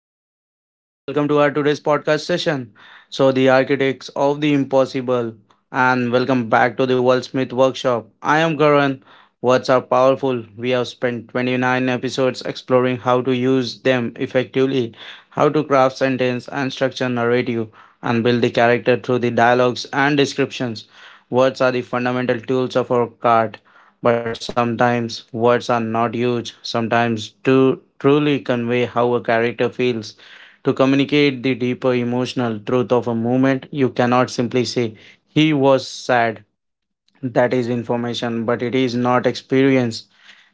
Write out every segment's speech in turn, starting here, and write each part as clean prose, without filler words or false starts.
listeners. Welcome to our today's podcast session. So, the architects of the impossible, and welcome back to the Wordsmith Workshop. I am Karan. Words are powerful. We have spent 29 episodes exploring how to use them effectively, how to craft sentence and structure narrative, and build the character through the dialogues and descriptions. Words are the fundamental tools of our art, but sometimes words are not used, sometimes to truly convey how a character feels. To communicate the deeper emotional truth of a moment, you cannot simply say, he was sad. That is information, but it is not experience.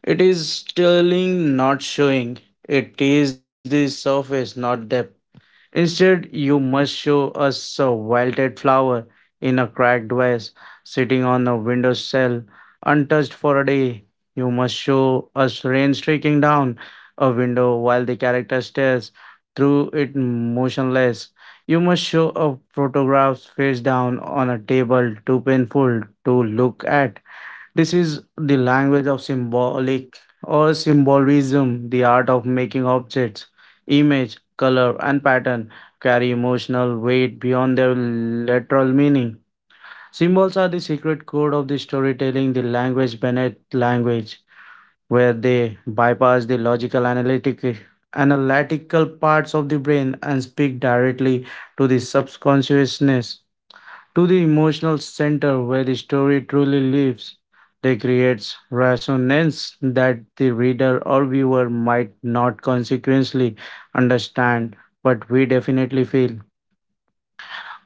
It is telling, not showing. It is the surface, not depth. Instead, you must show us a wilted flower in a cracked vase sitting on a windowsill, untouched for a day. You must show us rain streaking down a window while the character stares through it motionless. You must show a photograph face down on a table too painful to look at. This is the language of symbolic or symbolism, the art of making objects, image, color, and pattern carry emotional weight beyond their literal meaning. Symbols are the secret code of the storytelling, the language beneath language, where they bypass the logical analytic analytical parts of the brain and speak directly to the subconsciousness, to the emotional center where the story truly lives. They creates resonance that the reader or viewer might not consequently understand, but we definitely feel.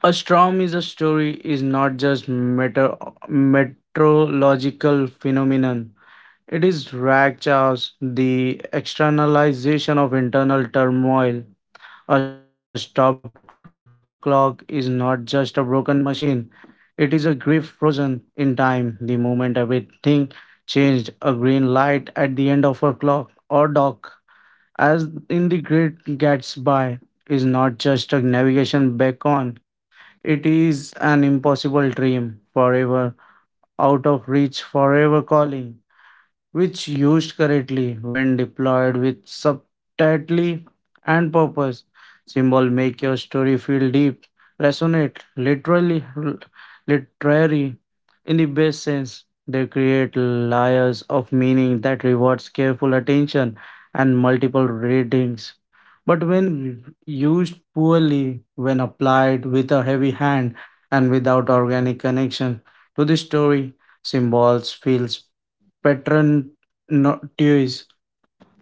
A storm is a story is not just meteorological phenomenon. It is rag chaos, the externalization of internal turmoil. A stopped clock is not just a broken machine, it is a grief frozen in time. The moment everything changed, a green light at the end of a clock or dock, as in the Great Gatsby, is not just a navigation beacon, it is an impossible dream, forever out of reach, forever calling, which used correctly when deployed with subtlety and purpose. Symbol make your story feel deep, resonate, literary, in the best sense. They create layers of meaning that rewards careful attention and multiple readings. But when used poorly, when applied with a heavy hand and without organic connection to the story, symbols feels pattern notice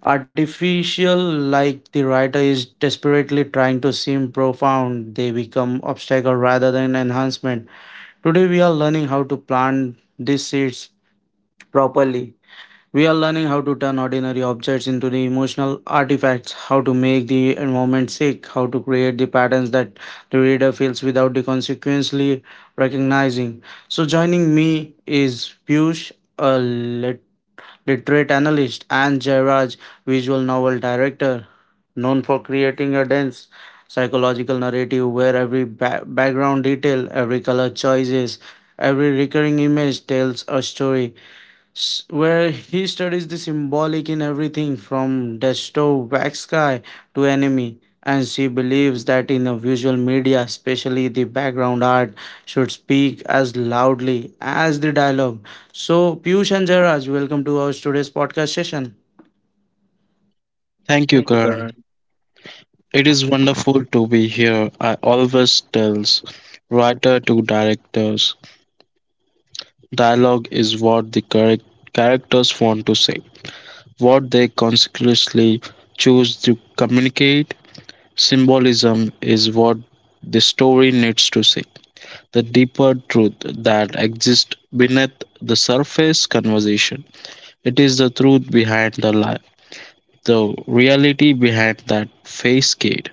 artificial, like the writer is desperately trying to seem profound, they become obstacle rather than enhancement. Today we are learning how to plant these seeds properly. We are learning how to turn ordinary objects into the emotional artifacts, how to make the environment sick, how to create the patterns that the reader feels without the consequently recognizing. So joining me is Piyush, a literate analyst, and Jairaj, visual novel director, known for creating a dense psychological narrative where every background detail, every color choices, every recurring image tells a story, where he studies the symbolic in everything from desktop wax sky to anime, and she believes that in a visual media especially the background art should speak as loudly as the dialogue. So Piyush and Jarraj, welcome to our today's podcast session. Thank you, Thank you, Karan. Karan. It is wonderful to be here. I always tells writer to directors, dialogue is what the correct characters want to say, what they consciously choose to communicate. Symbolism is what the story needs to say, the deeper truth that exists beneath the surface conversation. It is the truth behind the lie, the reality behind that facade.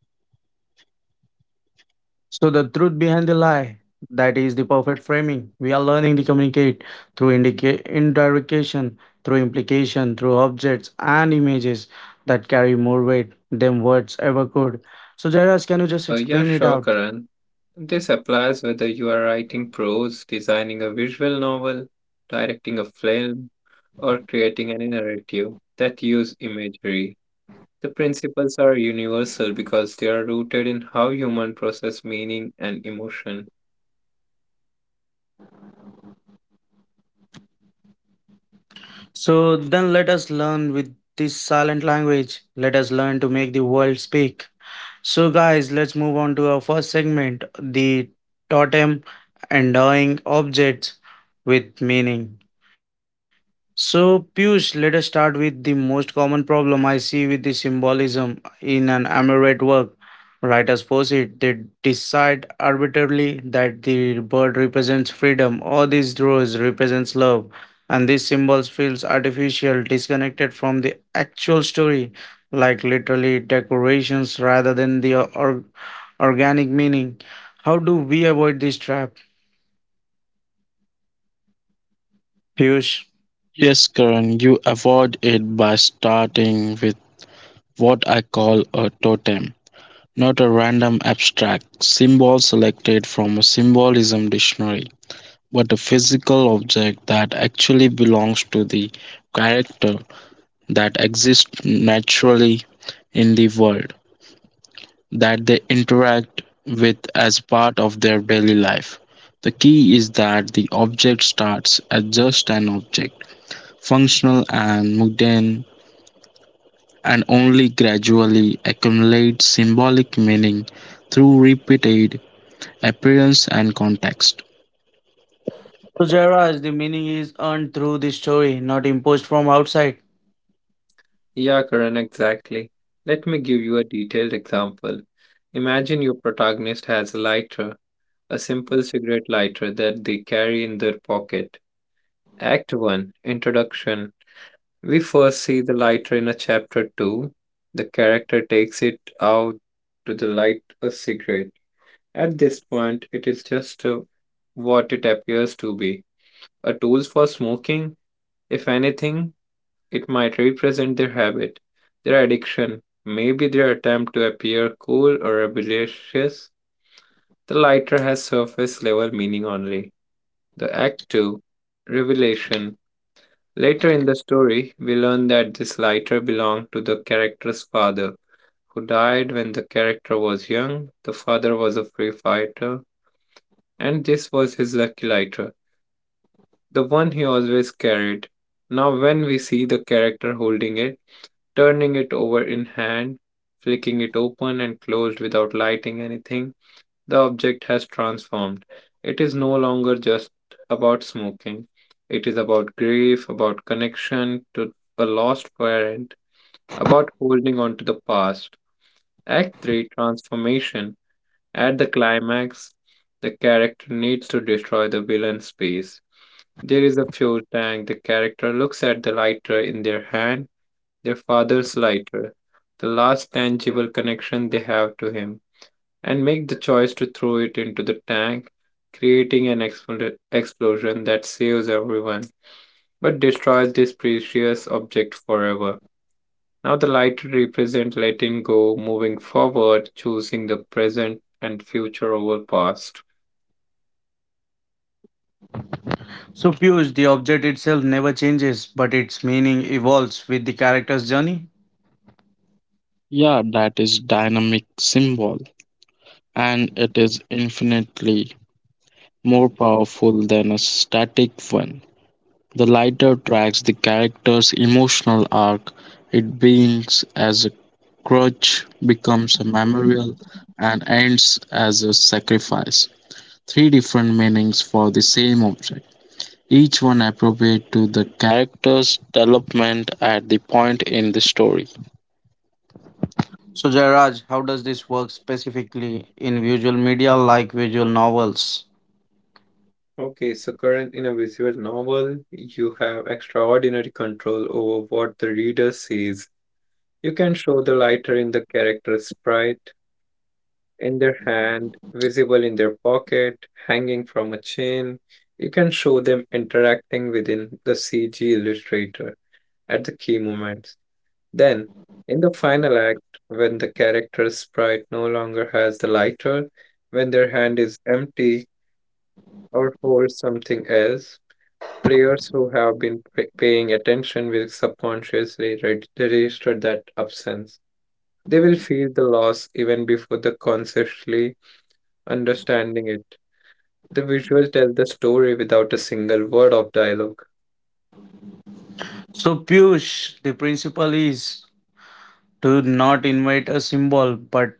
So the truth behind the lie. That is the perfect framing. We are learning to communicate through indirection, through implication, through objects and images that carry more weight than words ever could. So Jairus, can you just explain it out? Yeah, sure, Karan. This applies whether you are writing prose, designing a visual novel, directing a film, or creating any narrative that use imagery. The principles are universal because they are rooted in how human process meaning and emotion. So then let us learn with this silent language. Let us learn to make the world speak. So guys, let's move on to our first segment, the totem, endowing objects with meaning. So, Piyush, let us start with the most common problem I see with the symbolism in an Emirate work. Writers force it, they decide arbitrarily that the bird represents freedom or this rose represents love, and these symbols feels artificial, disconnected from the actual story, like literally decorations rather than the organic meaning. How do we avoid this trap, Piyush? Yes, Karan, you avoid it by starting with what I call a totem, not a random abstract symbol selected from a symbolism dictionary, but a physical object that actually belongs to the character that exists naturally in the world, that they interact with as part of their daily life. The key is that the object starts as just an object, functional and mundane, and only gradually accumulates symbolic meaning through repeated appearance and context. So Jairaj, the meaning is earned through the story, not imposed from outside. Yeah, Karan, exactly. Let me give you a detailed example. Imagine your protagonist has a lighter, a simple cigarette lighter that they carry in their pocket. Act 1 Introduction. We first see the lighter in a chapter 2. The character takes it out to the light a cigarette. At this point, it is just what it appears to be, a tool for smoking. If anything, it might represent their habit, their addiction, maybe their attempt to appear cool or rebellious. The lighter has surface level meaning only. The Act 2 Revelation. Later in the story, we learn that this lighter belonged to the character's father, who died when the character was young. The father was a free fighter, and this was his lucky lighter, the one he always carried. Now, when we see the character holding it, turning it over in hand, flicking it open and closed without lighting anything, the object has transformed. It is no longer just about smoking. It is about grief, about connection to a lost parent, about holding on to the past. Act 3 Transformation. At the climax, the character needs to destroy the villain's base. There is a fuel tank. The character looks at the lighter in their hand, their father's lighter, the last tangible connection they have to him, and make the choice to throw it into the tank, creating an explosion that saves everyone but destroys this precious object forever. Now, the lighter represents letting go, moving forward, choosing the present and future over past. So Piyush, the object itself never changes, but its meaning evolves with the character's journey. Yeah, that is dynamic symbol, and it is infinitely more powerful than a static one. The lighter tracks the character's emotional arc. It beings as a crutch, becomes a memorial, and ends as a sacrifice. Three different meanings for the same object. Each one appropriate to the character's development at the point in the story. So Jairaj, how does this work specifically in visual media like visual novels? Okay, so current in a visual novel, you have extraordinary control over what the reader sees. You can show the lighter in the character's sprite in their hand, visible in their pocket, hanging from a chain. You can show them interacting within the CG illustrator at the key moments. Then, in the final act, when the character's sprite no longer has the lighter, when their hand is empty or holds something else, players who have been paying attention will subconsciously register that absence. They will feel the loss even before the consciously understanding it. The visuals tell the story without a single word of dialogue. So Piyush, the principle is to not invent a symbol, but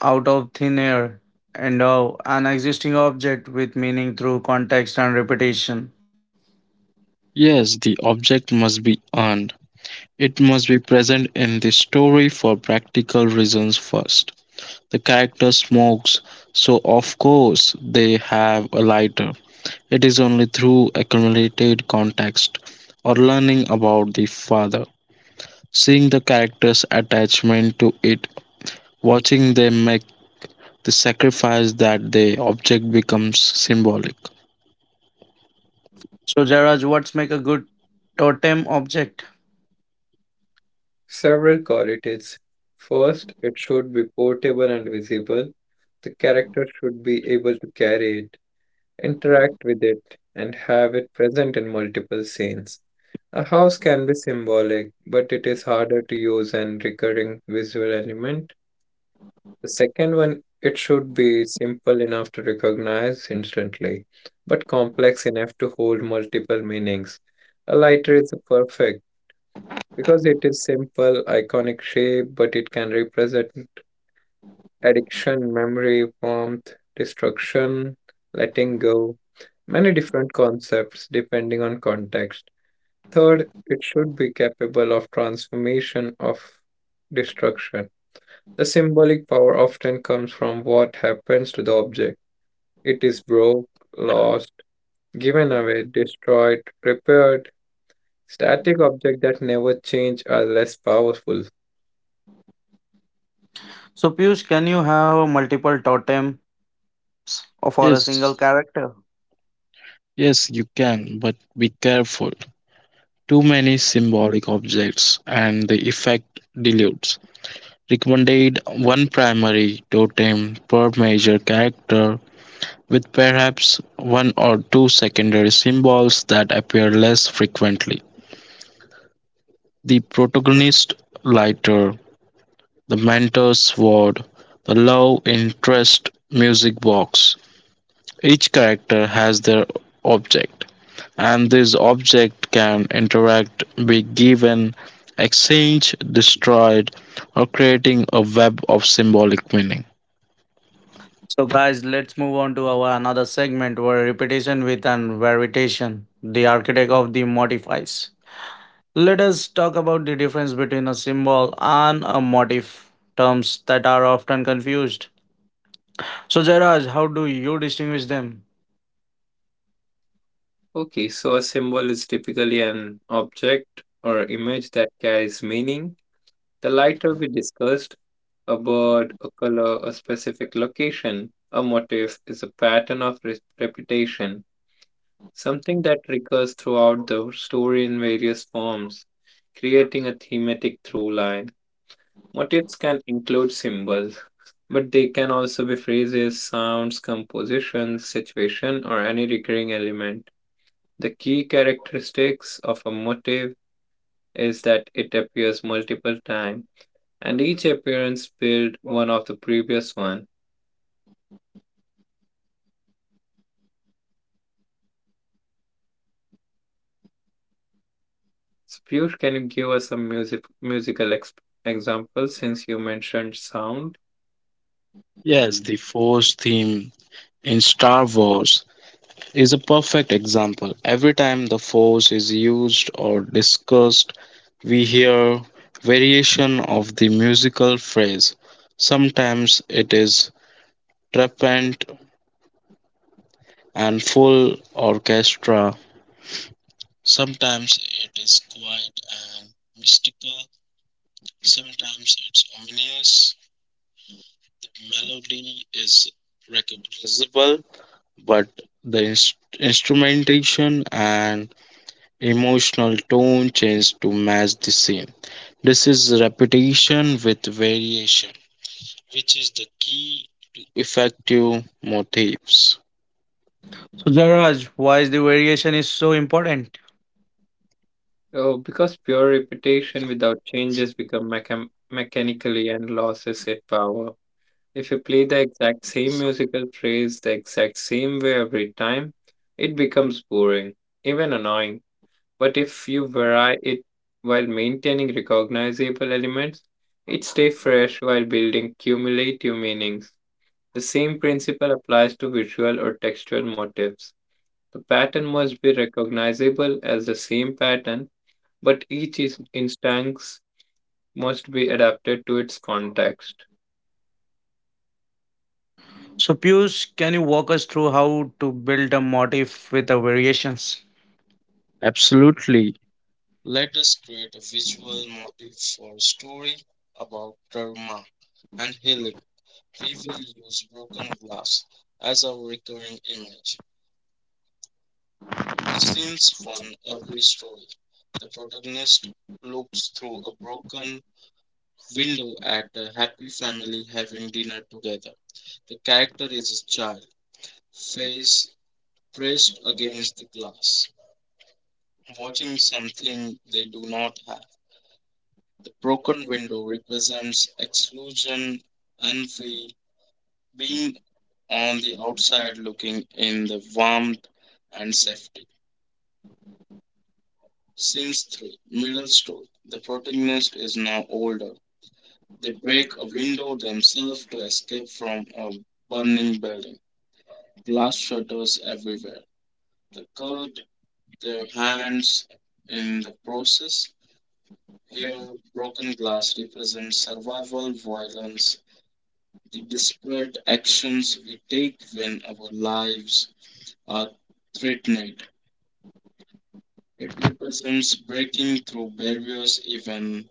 out of thin air, endow an existing object with meaning through context and repetition. Yes, the object must be earned. It must be present in the story for practical reasons first. The character smokes, so of course they have a lighter. It is only through accumulated context, or learning about the father, seeing the character's attachment to it, watching them make the sacrifice, that the object becomes symbolic. So Jairaj, what's make a good totem object. Several qualities. First, it should be portable and visible. The character should be able to carry it, interact with it, and have it present in multiple scenes. A house can be symbolic, but it is harder to use an recurring visual element. The second one, it should be simple enough to recognize instantly, but complex enough to hold multiple meanings. A lighter is perfect because it is simple, iconic shape, but it can represent addiction, memory, warmth, destruction, letting go, many different concepts depending on context. Third, it should be capable of transformation of destruction. The symbolic power often comes from what happens to the object. It is broke, lost, given away, destroyed, repaired, static object that never change are less powerful. So Piyush, can you have multiple totems for a single Yes, character? yes, you can, but be careful. Too many symbolic objects and the effect dilutes. Recommended one primary totem per major character, with perhaps one or two secondary symbols that appear less frequently. The protagonist lighter, the mentor sword, the love interest music box. Each character has their object, and this object can interact, be given, exchanged, destroyed, or creating a web of symbolic meaning. So guys, let's move on to our another segment where repetition with and variation, the architect of the modifies. Let us talk about the difference between a symbol and a motif, terms that are often confused. So Jairaj, how do you distinguish them? Okay, so a symbol is typically an object or image that carries meaning. The lighter we discussed, a bird, a color, a specific location, a motif is a pattern of reputation, something that recurs throughout the story in various forms, creating a thematic through line. Motifs can include symbols, but they can also be phrases, sounds, compositions, situation, or any recurring element. The key characteristics of a motif is that it appears multiple times, and each appearance builds one of the previous one. So, Piyush, can you give us some musical example since you mentioned sound? Yes, the Force theme in Star Wars is a perfect example. Every time the Force is used or discussed, we hear variation of the musical phrase. Sometimes it is triumphant and full orchestra, sometimes it is quiet and mystical, sometimes it's ominous. The melody is recognizable, but the instrumentation and emotional tone change to match the scene. This is repetition with variation, which is the key to effective motifs. So Jairaj, why is the variation is so important? Oh, because pure repetition without changes become mechanically and loses its power. If you play the exact same musical phrase the exact same way every time, it becomes boring, even annoying. But if you vary it while maintaining recognizable elements, it stays fresh while building cumulative meanings. The same principle applies to visual or textual motifs. The pattern must be recognizable as the same pattern, but each instance must be adapted to its context. So, Pius, can you walk us through how to build a motif with the variations? Absolutely. Let us create a visual motif for a story about karma and healing. We will use broken glass as our recurring image. Scenes from every story. The protagonist looks through a broken window at a happy family having dinner together. The character is a child, face pressed against the glass, watching something they do not have. The broken window represents exclusion, envy, being on the outside looking in the warmth and safety. Scenes 3, Middle Story. The protagonist is now older. They break a window themselves to escape from a burning building. Glass shutters everywhere. They cut their hands in the process. Here, broken glass represents survival, violence, the desperate actions we take when our lives are threatened. It represents breaking through barriers even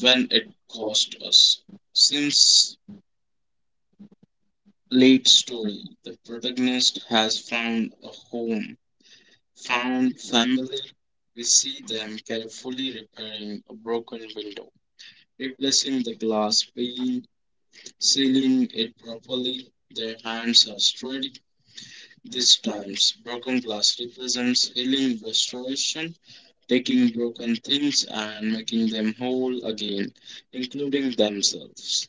when it costs us. Since late story, the protagonist has found a home, found family. We see them carefully repairing a broken window, replacing the glass pane, sealing it properly. Their hands are steady. These times, broken glass represents healing, restoration, taking broken things and making them whole again, including themselves.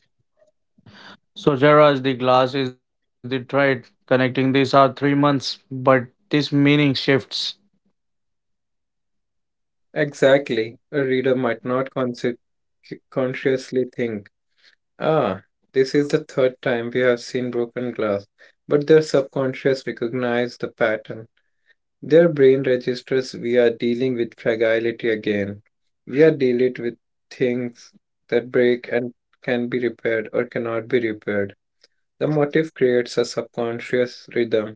So, Jairaj, the glass is the thread connecting these are 3 months, but this meaning shifts. Exactly. A reader might not consciously think, ah, this is the third time we have seen broken glass, but their subconscious recognize the pattern. Their brain registers we are dealing with fragility again. We are dealing with things that break and can be repaired or cannot be repaired. The motif creates a subconscious rhythm,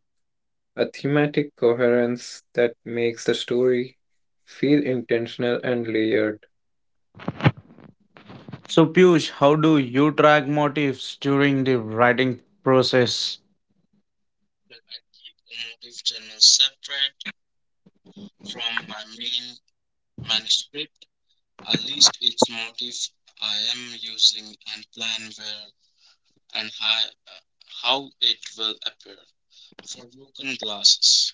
a thematic coherence that makes the story feel intentional and layered. So, Piyush, how do you track motifs during the writing process? But I keep the motive journal separate from my main manuscript. At least its motive I am using, and plan where and how it will appear. For broken glasses,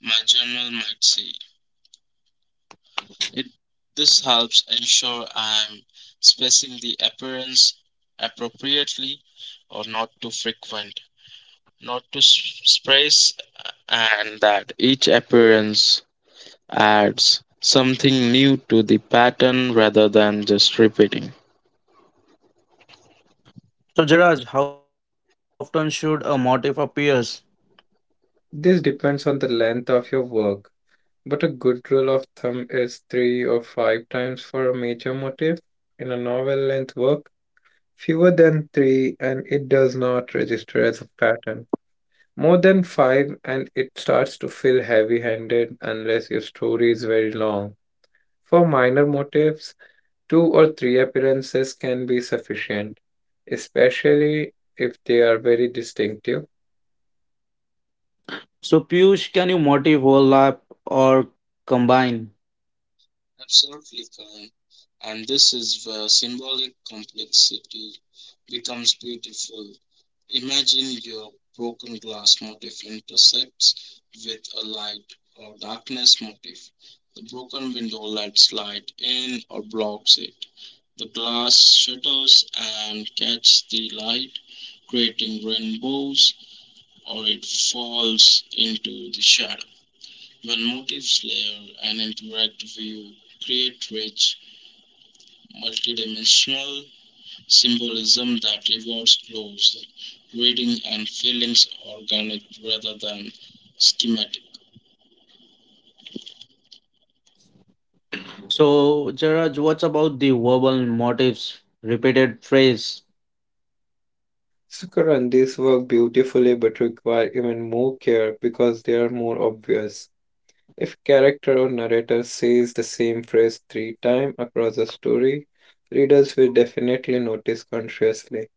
my journal might say it. This helps ensure I'm spacing the appearance appropriately, or not too frequent, not too sparse, and that each appearance adds something new to the pattern rather than just repeating. So, Jairaj, how often should a motif appears? This depends on the length of your work, but a good rule of thumb is three or five times for a major motif. In a novel length work, fewer than three and it does not register as a pattern. More than five and it starts to feel heavy handed unless your story is very long. For minor motifs, two or three appearances can be sufficient, especially if they are very distinctive. So, Piyush, can you motif overlap or combine? Absolutely, Karan. And this is where symbolic complexity becomes beautiful. Imagine your broken glass motif intersects with a light or darkness motif. The broken window lets light in or blocks it. The glass shatters and catches the light, creating rainbows, or it falls into the shadow. One motif's layer and interactive view create rich, multidimensional symbolism that rewards close reading and feelings organic rather than schematic. So, Jairaj, what's about the verbal motifs, repeated phrase? Sukaran, these work beautifully but require even more care because they are more obvious. If character or narrator says the same phrase three times across a story, readers will definitely notice consciously.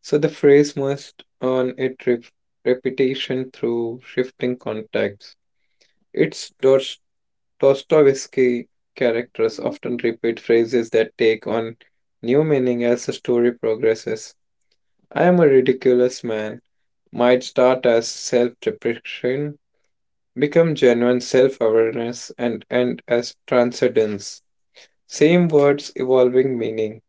So the phrase must earn its repetition through shifting contexts. Its Dostoevsky characters often repeat phrases that take on new meaning as the story progresses. I am a ridiculous man might start as self deprecation, become genuine self awareness, and end as transcendence. Same words evolving meaning.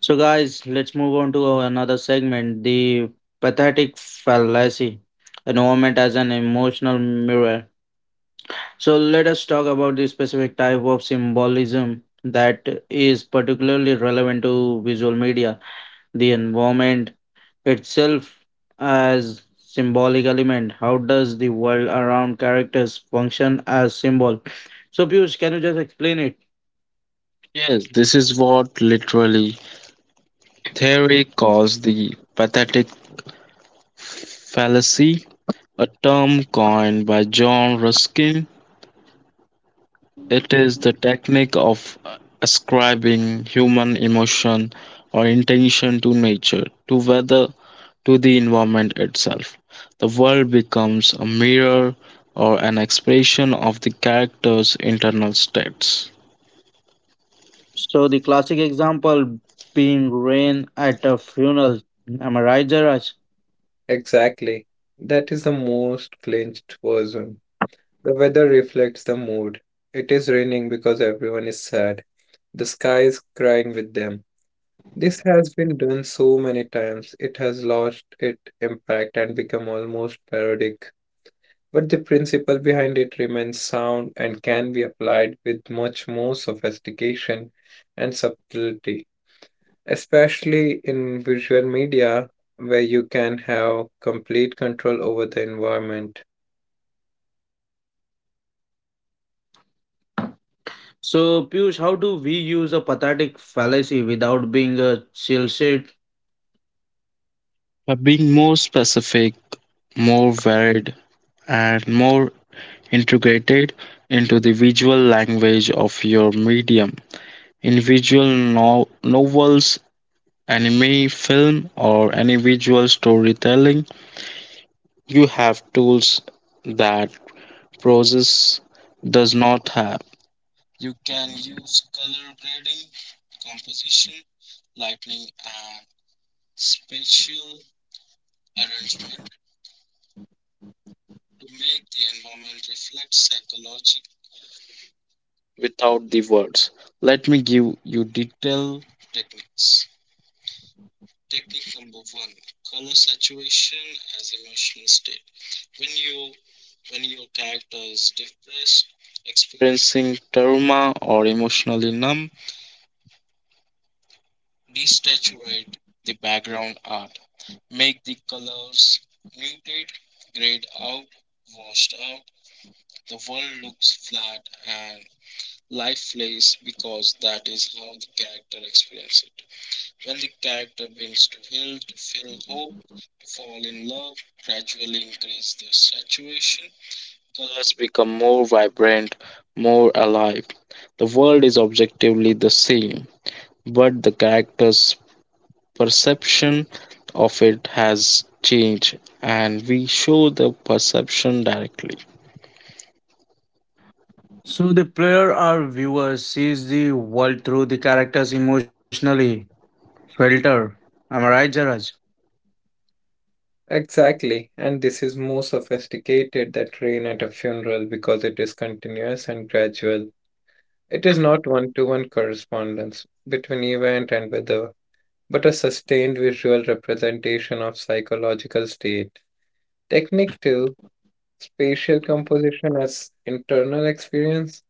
So, guys, let's move on to our another segment, the pathetic fallacy, environment as an emotional mirror. So, let us talk about the specific type of symbolism that is particularly relevant to visual media, the environment itself as symbolic element. How does the world around characters function as symbol? So Piyush, can you just explain it? Yes, this is what literally theory calls the pathetic fallacy, a term coined by John Ruskin. It is the technique of ascribing human emotion or intention to nature, to weather, to the environment itself. The world becomes a mirror or an expression of the character's internal states. So the classic example being rain at a funeral. Am I right, Jaraj? Exactly. That is the most clinched version. The weather reflects the mood. It is raining because everyone is sad. The sky is crying with them. This has been done so many times, it has lost its impact and become almost parodic, but the principle behind it remains sound and can be applied with much more sophistication and subtlety, especially in visual media where you can have complete control over the environment. So Piyush, how do we use a pathetic fallacy without being a chill shit? By being more specific, more varied, and more integrated into the visual language of your medium. In visual novels, anime, film, or any visual storytelling, you have tools that process does not have. You can use color grading, composition, lighting, and spatial arrangement to make the environment reflect psychology without the words. Let me give you detailed techniques. Technique number one, color saturation as emotional state. When you when your character is depressed, experiencing trauma, or emotionally numb, desaturate the background art, make the colors muted, grayed out, washed out. The world looks flat and lifeless because that is how the character experiences it. Well, the character builds to heal, to feel hope, to fall in love, gradually increase their saturation. Colors become more vibrant, more alive. The world is objectively the same, but the character's perception of it has changed, and we show the perception directly. So the player or viewer sees the world through the character's emotionally filter. Am I right, Jaraj? Exactly, and this is more sophisticated than rain at a funeral because it is continuous and gradual. It is not one to one correspondence between event and weather, but a sustained visual representation of psychological state. Technique 2: Spatial composition as internal experience.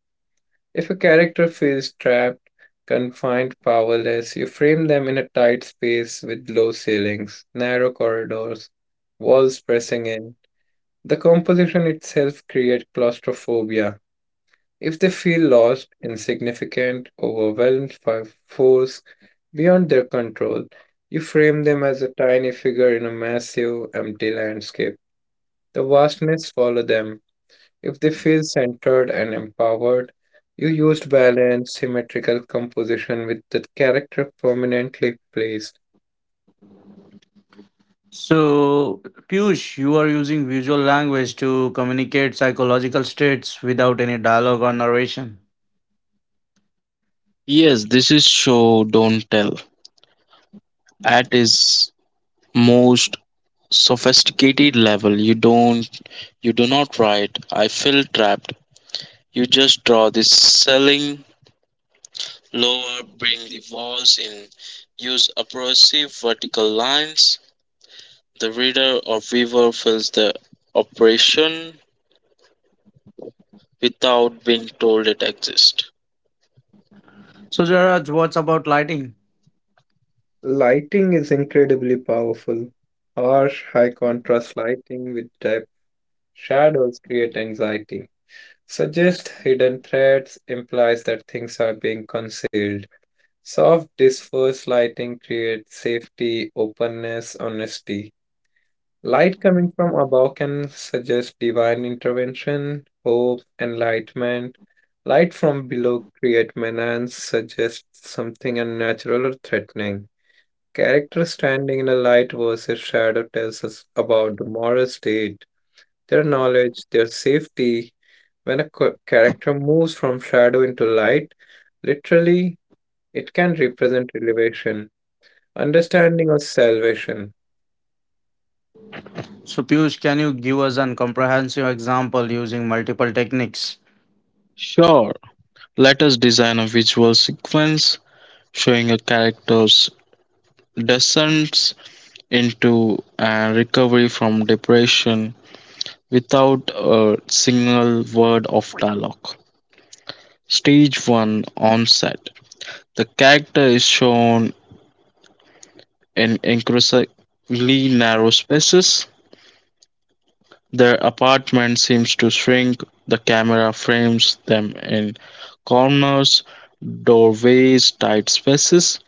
If a character feels trapped, confined, powerless, you frame them in a tight space with low ceilings, narrow corridors, walls pressing in. The composition itself creates claustrophobia. If they feel lost, insignificant, overwhelmed by force beyond their control, you frame them as a tiny figure in a massive, empty landscape. The vastness follows them if they feel centered and empowered, you used balanced, symmetrical composition with the character prominently placed. So Piyush, you are using visual language to communicate psychological states without any dialogue or narration. Yes, this is show, don't tell. At its most sophisticated level. You do not write, I feel trapped. You just draw the ceiling lower, bring the walls in, use oppressive vertical lines. The reader or viewer feels the operation without being told it exists. So Jaraj, what's about lighting? Lighting is incredibly powerful. Harsh, high contrast lighting with depth shadows create anxiety. Suggest hidden threats implies that things are being concealed. Soft, dispersed lighting creates safety, openness, honesty. Light coming from above can suggest divine intervention, hope, enlightenment. Light from below create menace, suggests something unnatural or threatening. Character standing in the light versus shadow tells us about the moral state, their knowledge, their safety. When a character moves from shadow into light, literally, it can represent elevation, understanding, or salvation. So, Piyush, can you give us an comprehensive example using multiple techniques? Sure, let us design a visual sequence showing a character's descent into and recovery from depression without a single word of dialogue. Stage 1, Onset. The character is shown in increasingly narrow spaces. Their apartment seems to shrink, the camera frames them in corners, doorways, tight spaces,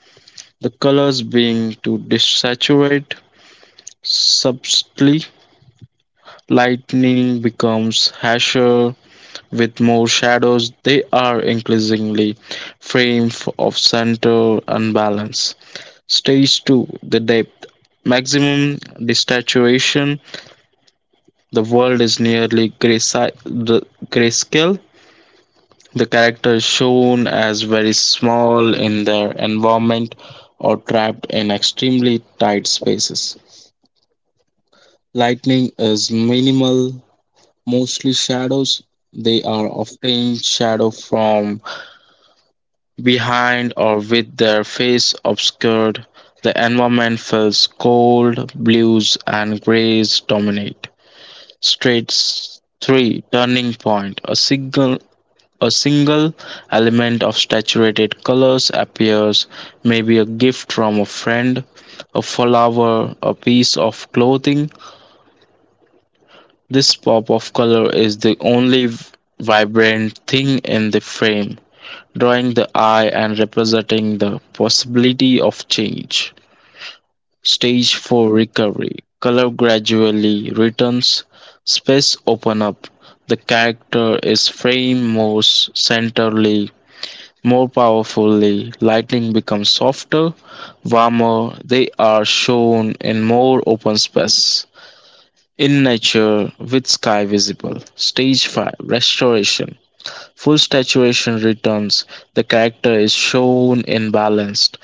the colors being too desaturate subtly. Lightning becomes harsher, with more shadows. They are increasingly framed of center and balance. Stage 2, the depth. Maximum desaturation. The world is nearly graysi- the grayscale. The character is shown as very small in their environment, or trapped in extremely tight spaces. Lighting is minimal, mostly shadows. They are often shadow from behind, or with their face obscured. The environment feels cold, blues and grays dominate. Straits 3, Turning Point. A single element of saturated colors appears, maybe a gift from a friend, a flower, a piece of clothing. This pop of color is the only vibrant thing in the frame, drawing the eye and representing the possibility of change. Stage 4, recovery. Color gradually returns, space open up. The character is framed more centrally, more powerfully. Lighting becomes softer, warmer. They are shown in more open space, in nature with sky visible. Stage 5, Restoration. Full saturation returns, the character is shown in balanced,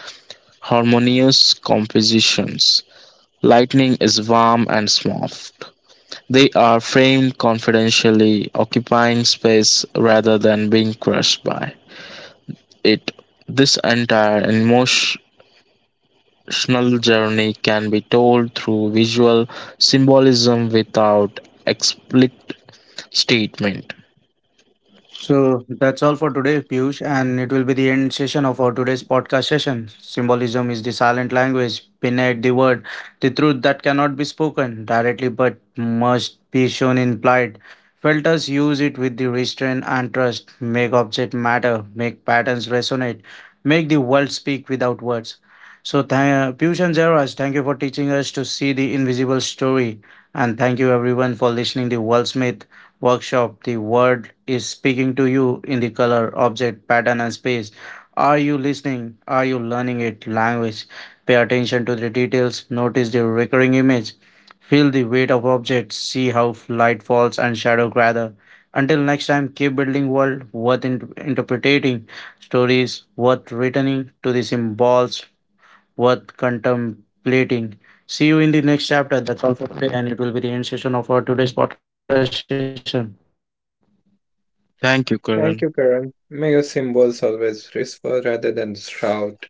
harmonious compositions. Lightning is warm and soft. They are framed confidentially, occupying space rather than being crushed by it. This entire emotional journey can be told through visual symbolism without explicit statement. So that's all for today, Piyush, and it will be the end session of our today's podcast session. Symbolism is the silent language, beneath the word, the truth that cannot be spoken directly but must be shown implied. Filters use it with the restraint and trust, make object matter, make patterns resonate, make the world speak without words. So, Piyush and Jairaj, thank you for teaching us to see the invisible story, and thank you everyone for listening to Worldsmith workshop. The word is speaking to you in the color, object, pattern, and space. Are you listening? Are you learning it? Language. Pay attention to the details. Notice the recurring image. Feel the weight of objects. See how light falls and shadow gather. Until next time, keep building world worth interpreting, stories worth returning to, the symbols worth contemplating. See you in the next chapter. That's all for today, and it will be the end session of our today's podcast session. Thank you, Thank Karan. you, Karan. May your symbols always whisper rather than shout.